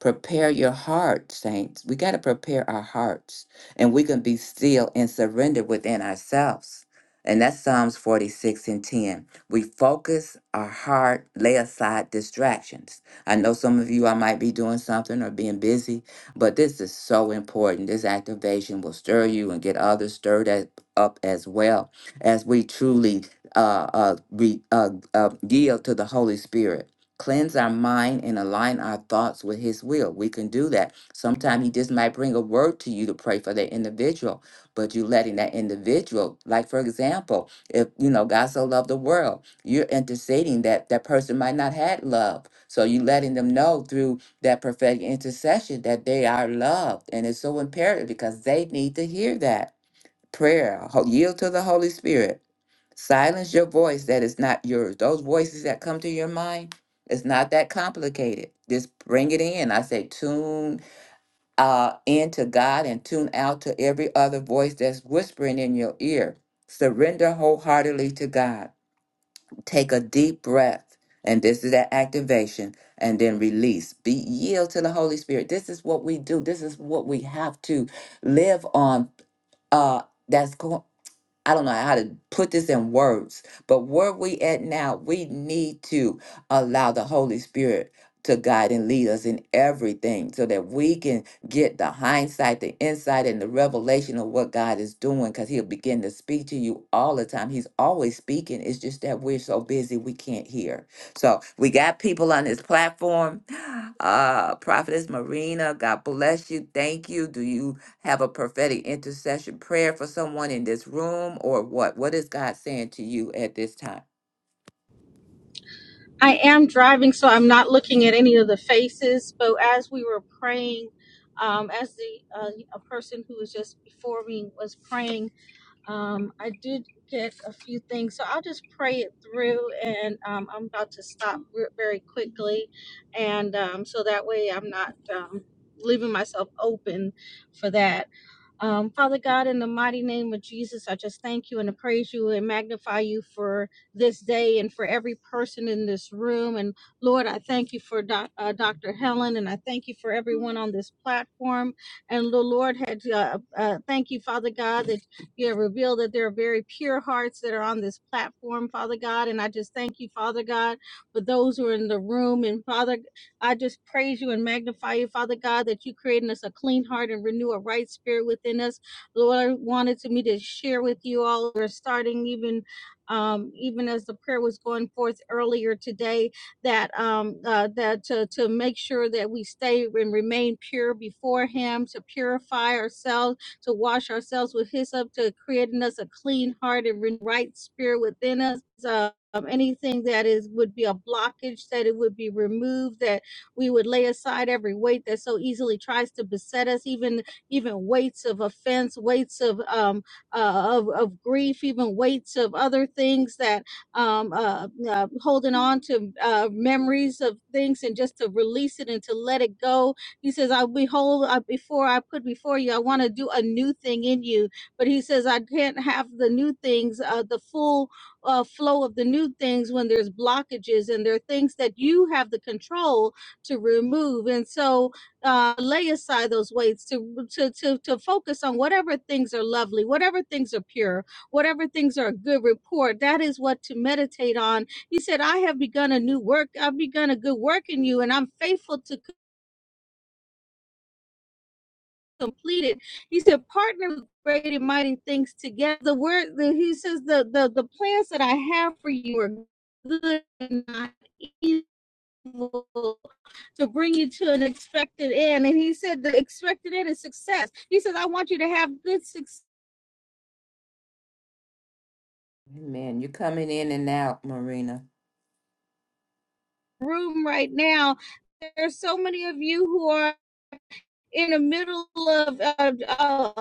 S2: Prepare your heart, saints. We got to prepare our hearts, and we can be still and surrender within ourselves. And that's Psalms 46 and 10. We focus our heart, lay aside distractions. I know some of you, I might be doing something or being busy, but this is so important. This activation will stir you and get others stirred a- up as well as we truly uh, uh, re, uh, uh, yield to the Holy Spirit. Cleanse our mind and align our thoughts with His will. We can do that. Sometimes He just might bring a word to you to pray for that individual, but you letting that individual, like for example, if you know god so loved the world you're interceding that that person might not had love so you letting them know through that prophetic intercession that they are loved and it's so imperative because they need to hear that prayer ho- yield to the holy spirit silence your voice that is not yours those voices that come to your mind it's not that complicated just bring it in i say tune uh, in to God and tune out to every other voice that's whispering in your ear. Surrender wholeheartedly to God. Take a deep breath, and this is that activation, and then release. Be yield to the Holy Spirit. This is what we do. This is what we have to live on. Uh, that's going. I don't know how to put this in words, but where we at now, we need to allow the Holy Spirit to guide and lead us in everything so that we can get the hindsight, the insight, and the revelation of what God is doing because He'll begin to speak to you all the time. He's always speaking. It's just that we're so busy we can't hear. So we got people on this platform. <gasps> Uh Prophetess Marina, God bless you. Thank you. Do you have a prophetic intercession prayer for someone in this room or what? What is God saying to you at this time?
S7: I am driving, so I'm not looking at any of the faces. But as we were praying, um, as the uh, a person who was just before me was praying, um, I did get a few things, so I'll just pray it through, and um, I'm about to stop re- very quickly, and um, so that way I'm not um, leaving myself open for that. Um, Father God, in the mighty name of Jesus, I just thank you and I praise you and magnify you for this day and for every person in this room. And Lord, I thank you for doc, uh, Dr. Helen and I thank you for everyone on this platform. And the Lord had uh, uh, thank you, Father God, that you have revealed that there are very pure hearts that are on this platform, Father God. And I just thank you, Father God, for those who are in the room. And Father, I just praise you and magnify you, Father God, that you created us a clean heart and renew a right spirit within us. Lord, I wanted to me to share with you all. We're starting even um, even as the prayer was going forth earlier today, that um, uh, that to, to make sure that we stay and remain pure before Him, to purify ourselves to wash ourselves with hyssop, to creating us a clean heart and right spirit within us. Uh, um, anything that is would be a blockage, that it would be removed, that we would lay aside every weight that so easily tries to beset us, even even weights of offense, weights of um uh, of of grief, even weights of other things that um uh, uh holding on to uh memories of things and just to release it and to let it go he says, I behold, I, before I put before you, I want to do a new thing in you. But he says, I can't have the new things, uh, the full uh, flow of the new things when there's blockages and there are things that you have the control to remove. And so uh, lay aside those weights to, to, to, to focus on whatever things are lovely, whatever things are pure, whatever things are a good report. That is what to meditate on. He said, I have begun a new work. I've begun a good work in you, and I'm faithful to completed. He said, partner great and mighty things together. The word the, he says the, the the plans that I have for you are good and not evil to bring you to an expected end. And he said the expected end is success. He says, I want you to have good success
S2: Amen. You're coming in and out, Marina.
S7: room right now. There's so many of you who are in the middle of, of, of,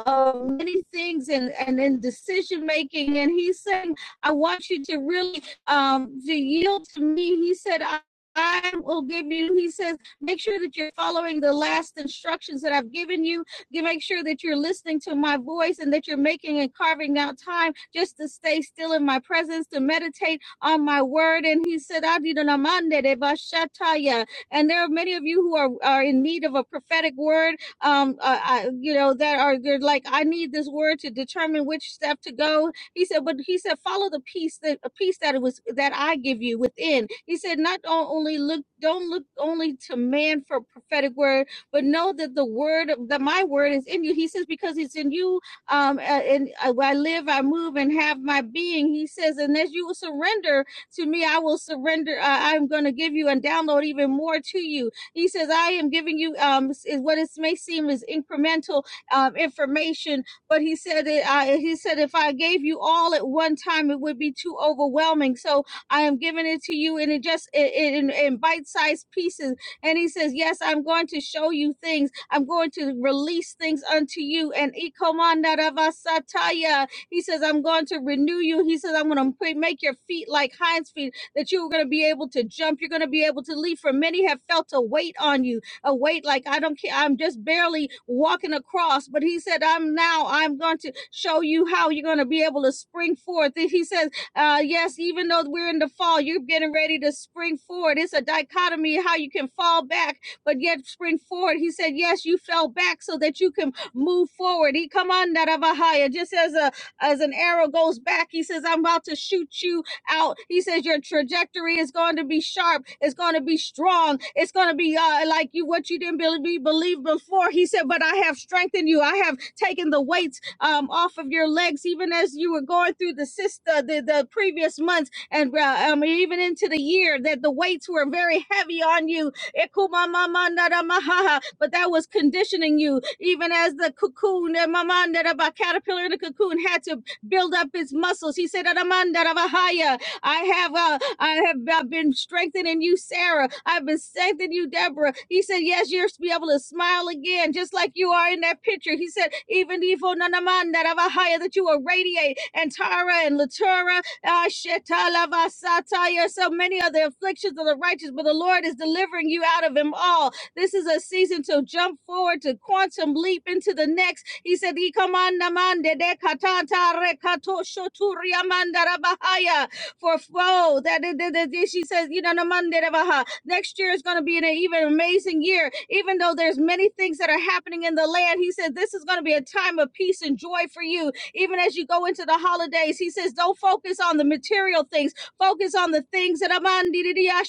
S7: many things and, and in decision making. And he's saying, I want you to really um, to yield to me. He said, I, I will give you, he says, make sure that you're following the last instructions that I've given you. You make sure that you're listening to my voice and that you're making and carving out time just to stay still in my presence, to meditate on my word. And he said, "Adidonamande de bashataya." and there are many of you who are, are in need of a prophetic word um uh, I, you know that are they're like i need this word to determine which step to go he said but he said follow the peace that a peace that it was that i give you within he said not only look don't look only to man for a prophetic word but know that the word that my word is in you he says because it's in you um and uh, i live i move and have my being he says and as you will surrender to me i will surrender uh, i'm going to give you and download even more to you he says, I am giving you um, is what it may seem is incremental um, information, but he said, it, I, he said, if I gave you all at one time, it would be too overwhelming. So I am giving it to you and it just i- in, in bite-sized pieces. And he says, yes, I'm going to show you things. I'm going to release things unto you. And ikomandaravasataya, he says, I'm going to renew you. He says, I'm going to make your feet like hinds feet that you were going to be able to jump. You're going to be able to leap. For many have felt a weight on you, a weight like I don't care. I'm just barely walking across. But he said, I'm now, I'm going to show you how you're going to be able to spring forth. And He says, uh, Yes, even though we're in the fall, you're getting ready to spring forward. It's a dichotomy how you can fall back, but yet spring forward. He said, Yes, you fell back so that you can move forward. He come on, Narabahaya, just as a as an arrow goes back, he says, I'm about to shoot you out. He says your trajectory is going to be sharp. It's going to be strong. It's going to be uh, like you what you didn't believe, believe before. He said, but I have strengthened you. I have taken the weights um, off of your legs, even as you were going through the sister the, the previous months and uh, um, even into the year that the weights were very heavy on you. Ikumamamandaramahaha, But that was conditioning you, even as the cocoon, eh, mamandaraba, caterpillar in the cocoon had to build up its muscles. He said, "Adamandarabahaya," I have uh, I have I've been strengthened in you, Sarah. I've been strengthened in you, Deborah. He said, Yes, you're to be able to smile again, just like you are in that picture. He said, even Ifo Nanaman that have a higher that you will radiate and Tara and Latura, uh, Shetala Vasataya, so many other afflictions of the righteous, but the Lord is delivering you out of them all. This is a season to jump forward, to quantum leap into the next. He said, Ikamanamande de katanta rekato shoturiamanda rabahaya for flow. That, that, that, that- she says, you know, no Monday, da, ba, next year is going to be an even amazing year. Even though there's many things that are happening in the land, he said, this is going to be a time of peace and joy for you. Even as you go into the holidays, he says, don't focus on the material things. Focus on the things that, aman, di, di, di, ah,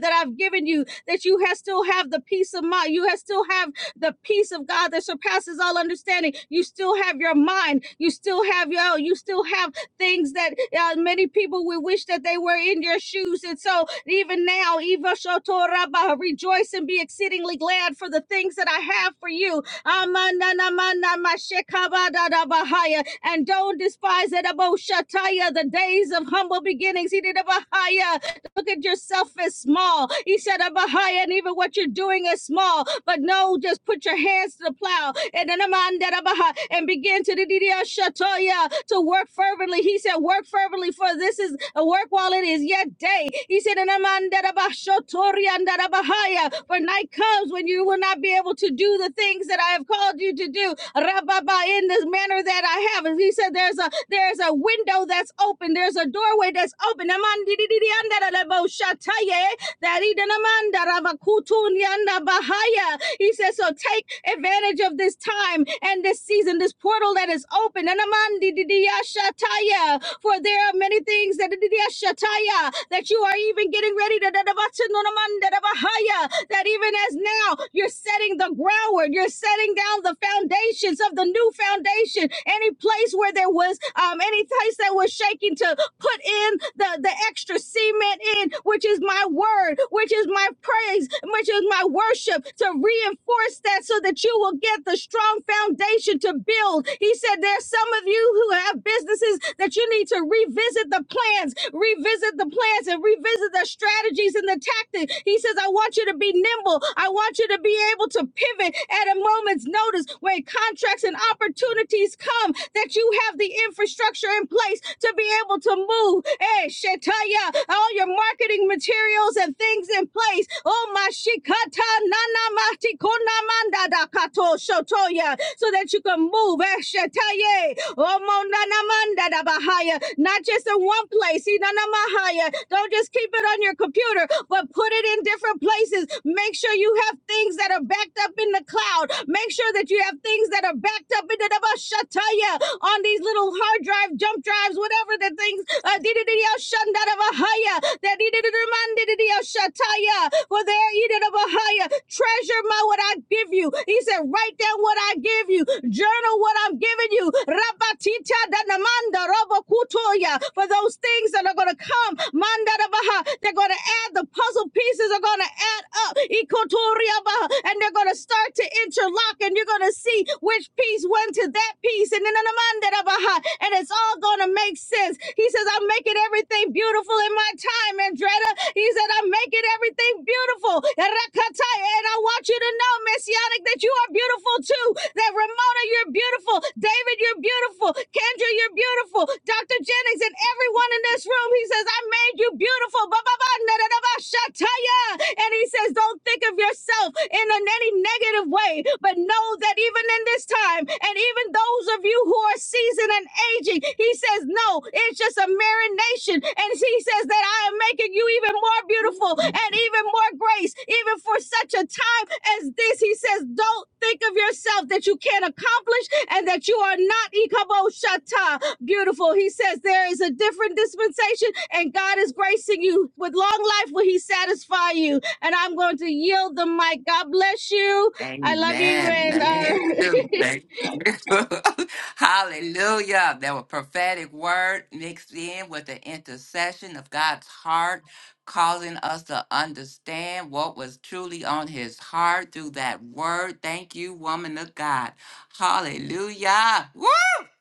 S7: that I've given you, that you have still have the peace of mind. You have still have the peace of God that surpasses all understanding. You still have your mind. You still have your. You still have things that uh, many people would wish that they were in your shoes. And so even now, Eva Shotoraba, rejoice and be exceedingly glad for the things that I have for you. Amananamanamashekabadadabahaya. And don't despise it, Abo Shataya, the days of humble beginnings. Ididabahaya. Look at yourself as small. He said, Abahaya, and even what you're doing is small. But no, just put your hands to the plow and then Amanda Rabaha, and begin to the Didia Shatoya to work fervently. He said, Work fervently, for this is a work while it is yet day. He said, and Amanda Rabah and Rabahaya, For night comes when you will not be able to do the things that I have called you to do. Rababa in this manner that I have. And he said, There's a there's a window that's that's open. There's a doorway that's open. Amandidididiyandadadaboshataya, daridanamandaravakutuniandabahaya. He says, so take advantage of this time and this season, this portal that is open. Anamandididiyashataya, For there are many things that dididiyashataya, that you are even getting ready to dadavatununamandadabahaya, that even as now you're setting the groundwork, you're setting down the foundations of the new foundation situation, any place where there was um, any place that was shaking to put in the, the extra cement in, which is my word, which is my praise, which is my worship, to reinforce that so that you will get the strong foundation to build. He said, There's some of you who have businesses that you need to revisit the plans, revisit the plans, and revisit the strategies and the tactics. He says, I want you to be nimble. I want you to be able to pivot at a moment's notice when contracts and opportunities come that you have the infrastructure in place to be able to move. Hey, Shetaya, all your marketing materials and things in place. Oh, my Shikata Nana Mati Konamanda Kato Shotoya, so that you can move. Eh, Shetaya, Oh, Monana Manda Bahaya, not just in one place. Inana Mahaya. Don't just keep it on your computer, but put it in different places places. Make sure you have things that are backed up in the cloud. Make sure that you have things that are backed up in the Shataya on these little hard drive, jump drives, whatever the things. uh, Shataya. For there, treasure my what I give you. He said, write down what I give you. Journal what I'm giving you. For those things that are going to come. They're going to add the puzzle pieces are going to add up. Ikoturiabaha. And they're going to start to interlock and you're going to see which piece went to that piece. And then the Mandarabaha. And it's all going to make sense. He says, I'm making everything beautiful in my time, Andretta. He said, I'm making everything beautiful. And I want you to know, Messianic, that you are beautiful too. That Ramona, you're beautiful. David, you're beautiful. Kendra, you're beautiful. Dr. Jennings, and everyone in this room. He says, I made you beautiful. Ba, ba, ba, na, da, ba, shataya. And he says, Don't think of yourself in any negative way, but know that even in this time, and even those of you who are seasoned and aging, he says, No, it's just a marination. And he says that I am making you even more beautiful and even more grace, even for such a time as this. He says, Don't think of yourself that you can't accomplish and that you are not. Ikabo beautiful. He says there is a different dispensation, and God is gracing you with long life. Will He satisfy you? And I'm going to yield the mic. God bless you. I love you.
S2: Amen.
S7: And
S2: Thank
S7: uh,
S2: you. Thank you. <laughs> Hallelujah. There were prophetic word mixed in with the intercession of God's heart, causing us to understand what was truly on his heart through that word. Thank you, woman of God. Hallelujah. Woo!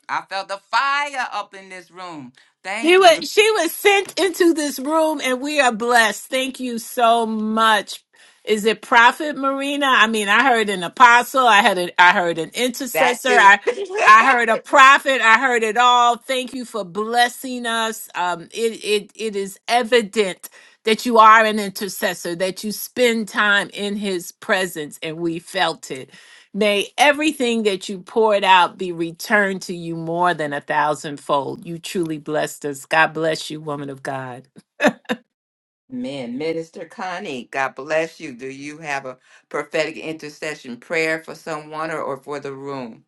S2: I felt the fire up in this room.
S1: She
S2: Thank
S1: was
S2: you.
S1: she was sent into this room and we are blessed. Thank you so much. Is it Prophet Marina? I mean, I heard an apostle, I had a, I heard an
S2: That
S1: intercessor,
S2: too.
S1: I
S2: <laughs>
S1: I heard a prophet, I heard it all. Thank you for blessing us. Um it it it is evident that you are an intercessor, that you spend time in his presence and we felt it. May everything that you poured out be returned to you more than a thousandfold. You truly blessed us. God bless you, woman of God.
S2: Man, Minister Connie, God bless you. Do you have a prophetic intercession prayer for someone or, or for the room?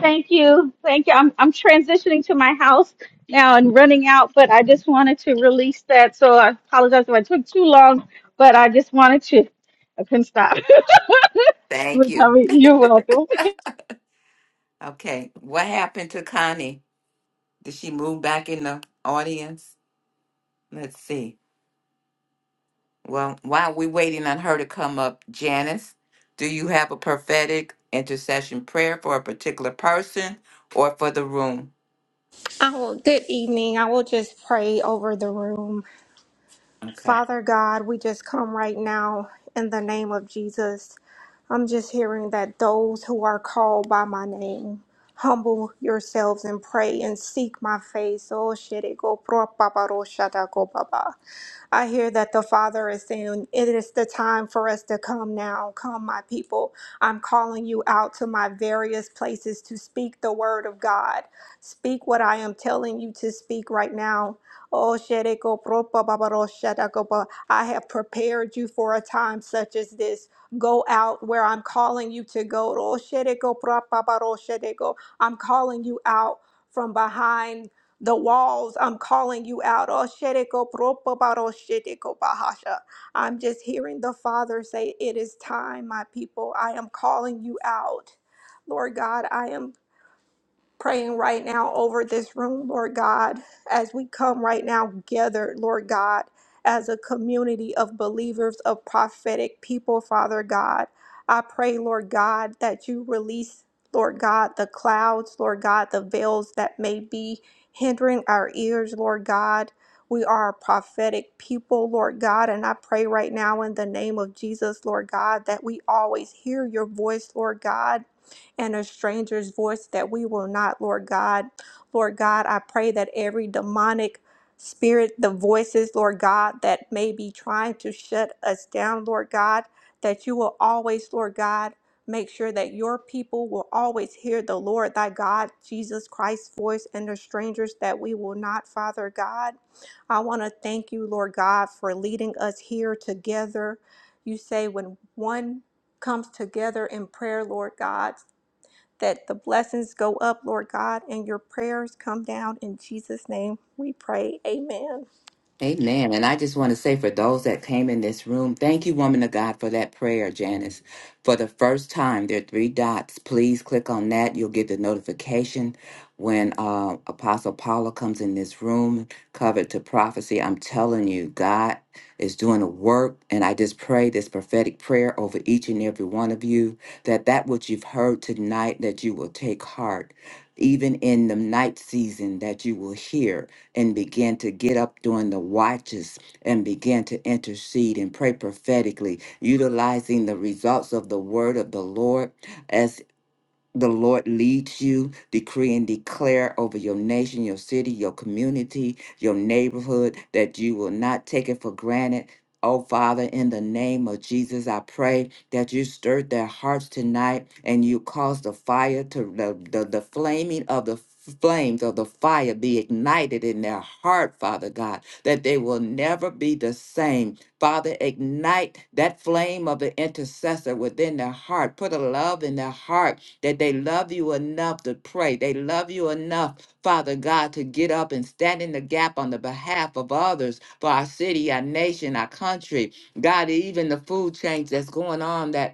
S7: Thank you. Thank you. I'm, I'm transitioning to my house now and running out, but I just wanted to release that. So I apologize if I took too long, but I just wanted to. I couldn't stop. <laughs> It
S2: Thank
S7: was how
S2: you.
S7: we- You're welcome. <laughs>
S2: Okay. What happened to Connie? Did she move back in the audience? Let's see. Well, while we're waiting on her to come up, Janice, do you have a prophetic intercession prayer for a particular person or for the room?
S8: Oh, good evening. I will just pray over the room.
S2: Okay.
S8: Father God, we just come right now in the name of Jesus. I'm just hearing that those who are called by my name, humble yourselves and pray and seek my face. Oh, shit, it go pro pa ro sha go pa I hear that the Father is saying, It is the time for us to come now. Come, my people. I'm calling you out to my various places to speak the word of God. Speak what I am telling you to speak right now. Oh, Shereko Propa Babaro Shadakopa, I have prepared you for a time such as this. Go out where I'm calling you to go. Oh, Shereko Propa Babaro Shadeko, I'm calling you out from behind the walls. I'm calling you out. Oh, Shereko Propa Babaro Shadeko Bahasha. I'm just hearing the Father say, It is time, my people. I am calling you out. Lord God, I am praying right now over this room, Lord God, as we come right now gathered, Lord God, as a community of believers, of prophetic people, Father God. I pray, Lord God, that you release, Lord God, the clouds, Lord God, the veils that may be hindering our ears, Lord God. We are a prophetic people, Lord God, and I pray right now in the name of Jesus, Lord God, that we always hear your voice, Lord God and a stranger's voice that we will not, Lord God. Lord God, I pray that every demonic spirit, the voices, Lord God, that may be trying to shut us down, Lord God, that you will always, Lord God, make sure that your people will always hear the Lord thy God, Jesus Christ's voice, and the strangers that we will not, Father God. I want to thank you, Lord God, for leading us here together. You say when one comes together in prayer, Lord God that the blessings go up, Lord God, and your prayers come down. In Jesus' name we pray. Amen.
S2: Amen. And I just want to say for those that came in this room, thank you, woman of God, for that prayer, Janice. For the first time, there are three dots. Please click on that. You'll get the notification when uh, Apostle Paula comes in this room, covered to prophecy. I'm telling you, God is doing a work. And I just pray this prophetic prayer over each and every one of you that that which you've heard tonight, that you will take heart. Even in the night season, that you will hear and began to get up during the watches and began to intercede and pray prophetically, utilizing the results of the word of the Lord the Lord leads you, decree and declare over your nation, your city, your community, your neighborhood, that you will not take it for granted. Oh, Father, in the name of Jesus, I pray that you stirred their hearts tonight and you cause the fire to, the, the, the flaming of the flames of the fire be ignited in their heart, Father God, that they will never be the same. Father, ignite that flame of the intercessor within their heart. Put a love in their heart that they love you enough to pray. They love you enough, Father God, to get up and stand in the gap on the behalf of others for our city, our nation, our country. God, even the food change that's going on that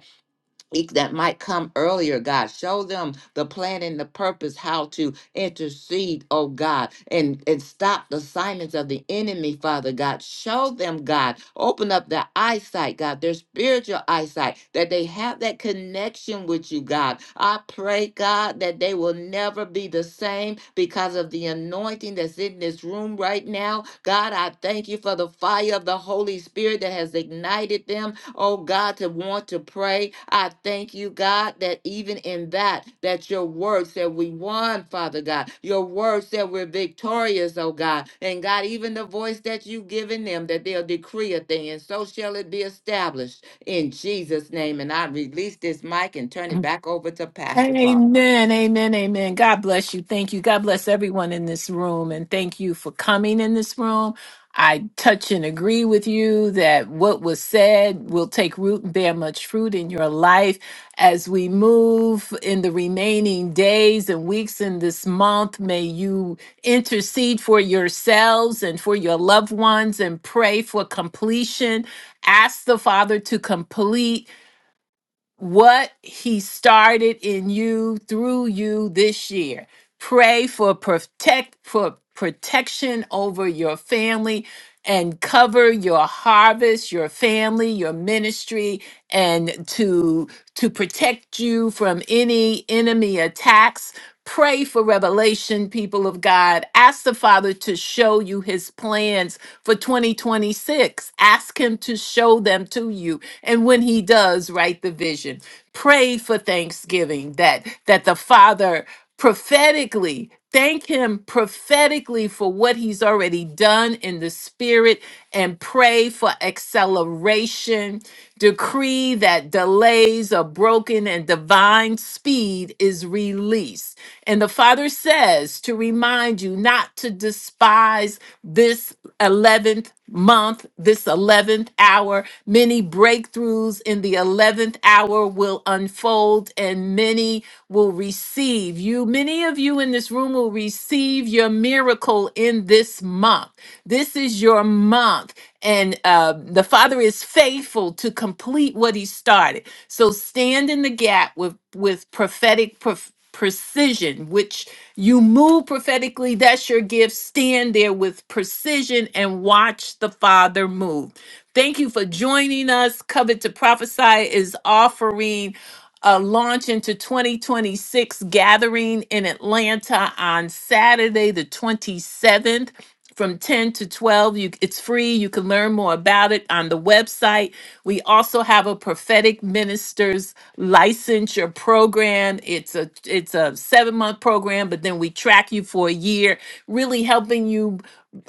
S2: e- that might come earlier, God. Show them the plan and the purpose, how to intercede, oh God, and, and stop the silence of the enemy, Father God. Show them, God, open up their eyesight, God, their spiritual eyesight, that they have that connection with you, God. I pray, God, that they will never be the same because of the anointing that's in this room right now. God, I thank you for the fire of the Holy Spirit that has ignited them oh God, to want to pray. I thank you, God, that even in that, that your word said we won, Father God. Your word said we're victorious, oh God. And God, even the voice that you've given them, that they'll decree a thing, and so shall it be established in Jesus' name. And I release this mic and turn it back over to Pastor Charles.
S1: Amen, amen, amen. God bless you. Thank you. God bless everyone in this room. And thank you for coming in this room. I touch and agree with you that what was said will take root and bear much fruit in your life as we move in the remaining days and weeks in this month. May you intercede for yourselves and for your loved ones and pray for completion. Ask the Father to complete what he started in you through you this year. Pray for protect for protection over your family and cover your harvest, your family, your ministry, and to to protect you from any enemy attacks. Pray for revelation, people of God. Ask the Father to show you his plans for 2026. Ask him to show them to you. And when he does, write the vision. Pray for thanksgiving that that the Father prophetically Thank him prophetically for what he's already done in the spirit and pray for acceleration. Decree that delays are broken and divine speed is released. And the Father says to remind you not to despise this 11th month, this 11th hour. Many breakthroughs in the 11th hour will unfold and many will receive receive. You, many of you in this room will receive your miracle in this month. This is your month. And uh, the Father is faithful to complete what He started. So stand in the gap with, with prophetic prof- precision, which you move prophetically. That's your gift. Stand there with precision and watch the Father move. Thank you for joining us. Covet to Prophesy is offering a launch into 2026 gathering in Atlanta on Saturday, the 27th from 10 to 12. You, it's free. You can learn more about it on the website. We also have a prophetic ministers licensure program. It's a it's a 7-month program, but then we track you for a year, really helping you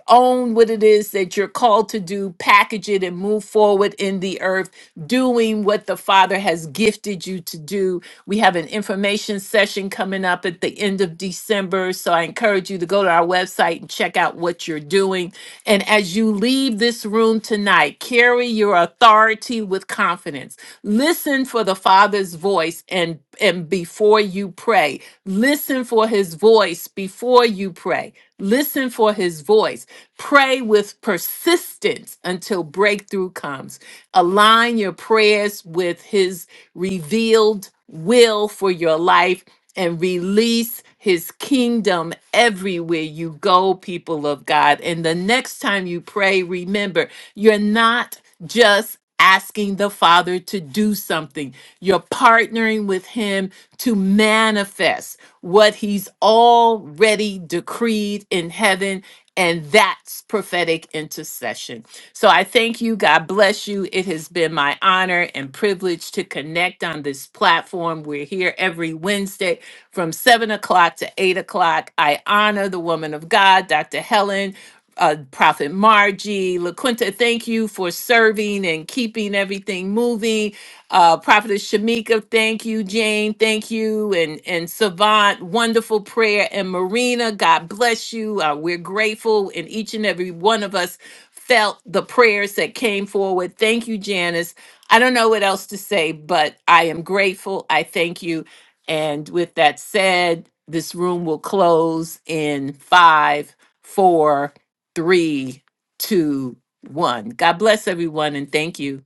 S1: own what it is that you're called to do, package it, and move forward in the earth, doing what the Father has gifted you to do. We have an information session coming up at the end of December. So I encourage you to go to our website and check out what you're doing. And as you leave this room tonight, carry your authority with confidence. Listen for the Father's voice and and before you pray. Listen for his voice before you pray. Listen for his voice. Pray with persistence until breakthrough comes. Align your prayers with his revealed will for your life and release his kingdom everywhere you go, people of God. And the next time you pray, remember you're not just asking the Father to do something. You're partnering with Him to manifest what He's already decreed in heaven. And that's prophetic intercession. So I thank you. God bless you. It has been my honor and privilege to connect on this platform. We're here every Wednesday from 7 o'clock to 8 o'clock. I honor the woman of God, Dr. Helen uh, Prophet Margie, LaQuinta, thank you for serving and keeping everything moving. Uh, Prophetess Shamika, thank you. Jane, thank you. And, and Savant, wonderful prayer. And Marina, God bless you. Uh, we're grateful. And each and every one of us felt the prayers that came forward. Thank you, Janice. I don't know what else to say, but I am grateful. I thank you. And with that said, this room will close in five, four three, two, one. God bless everyone and thank you.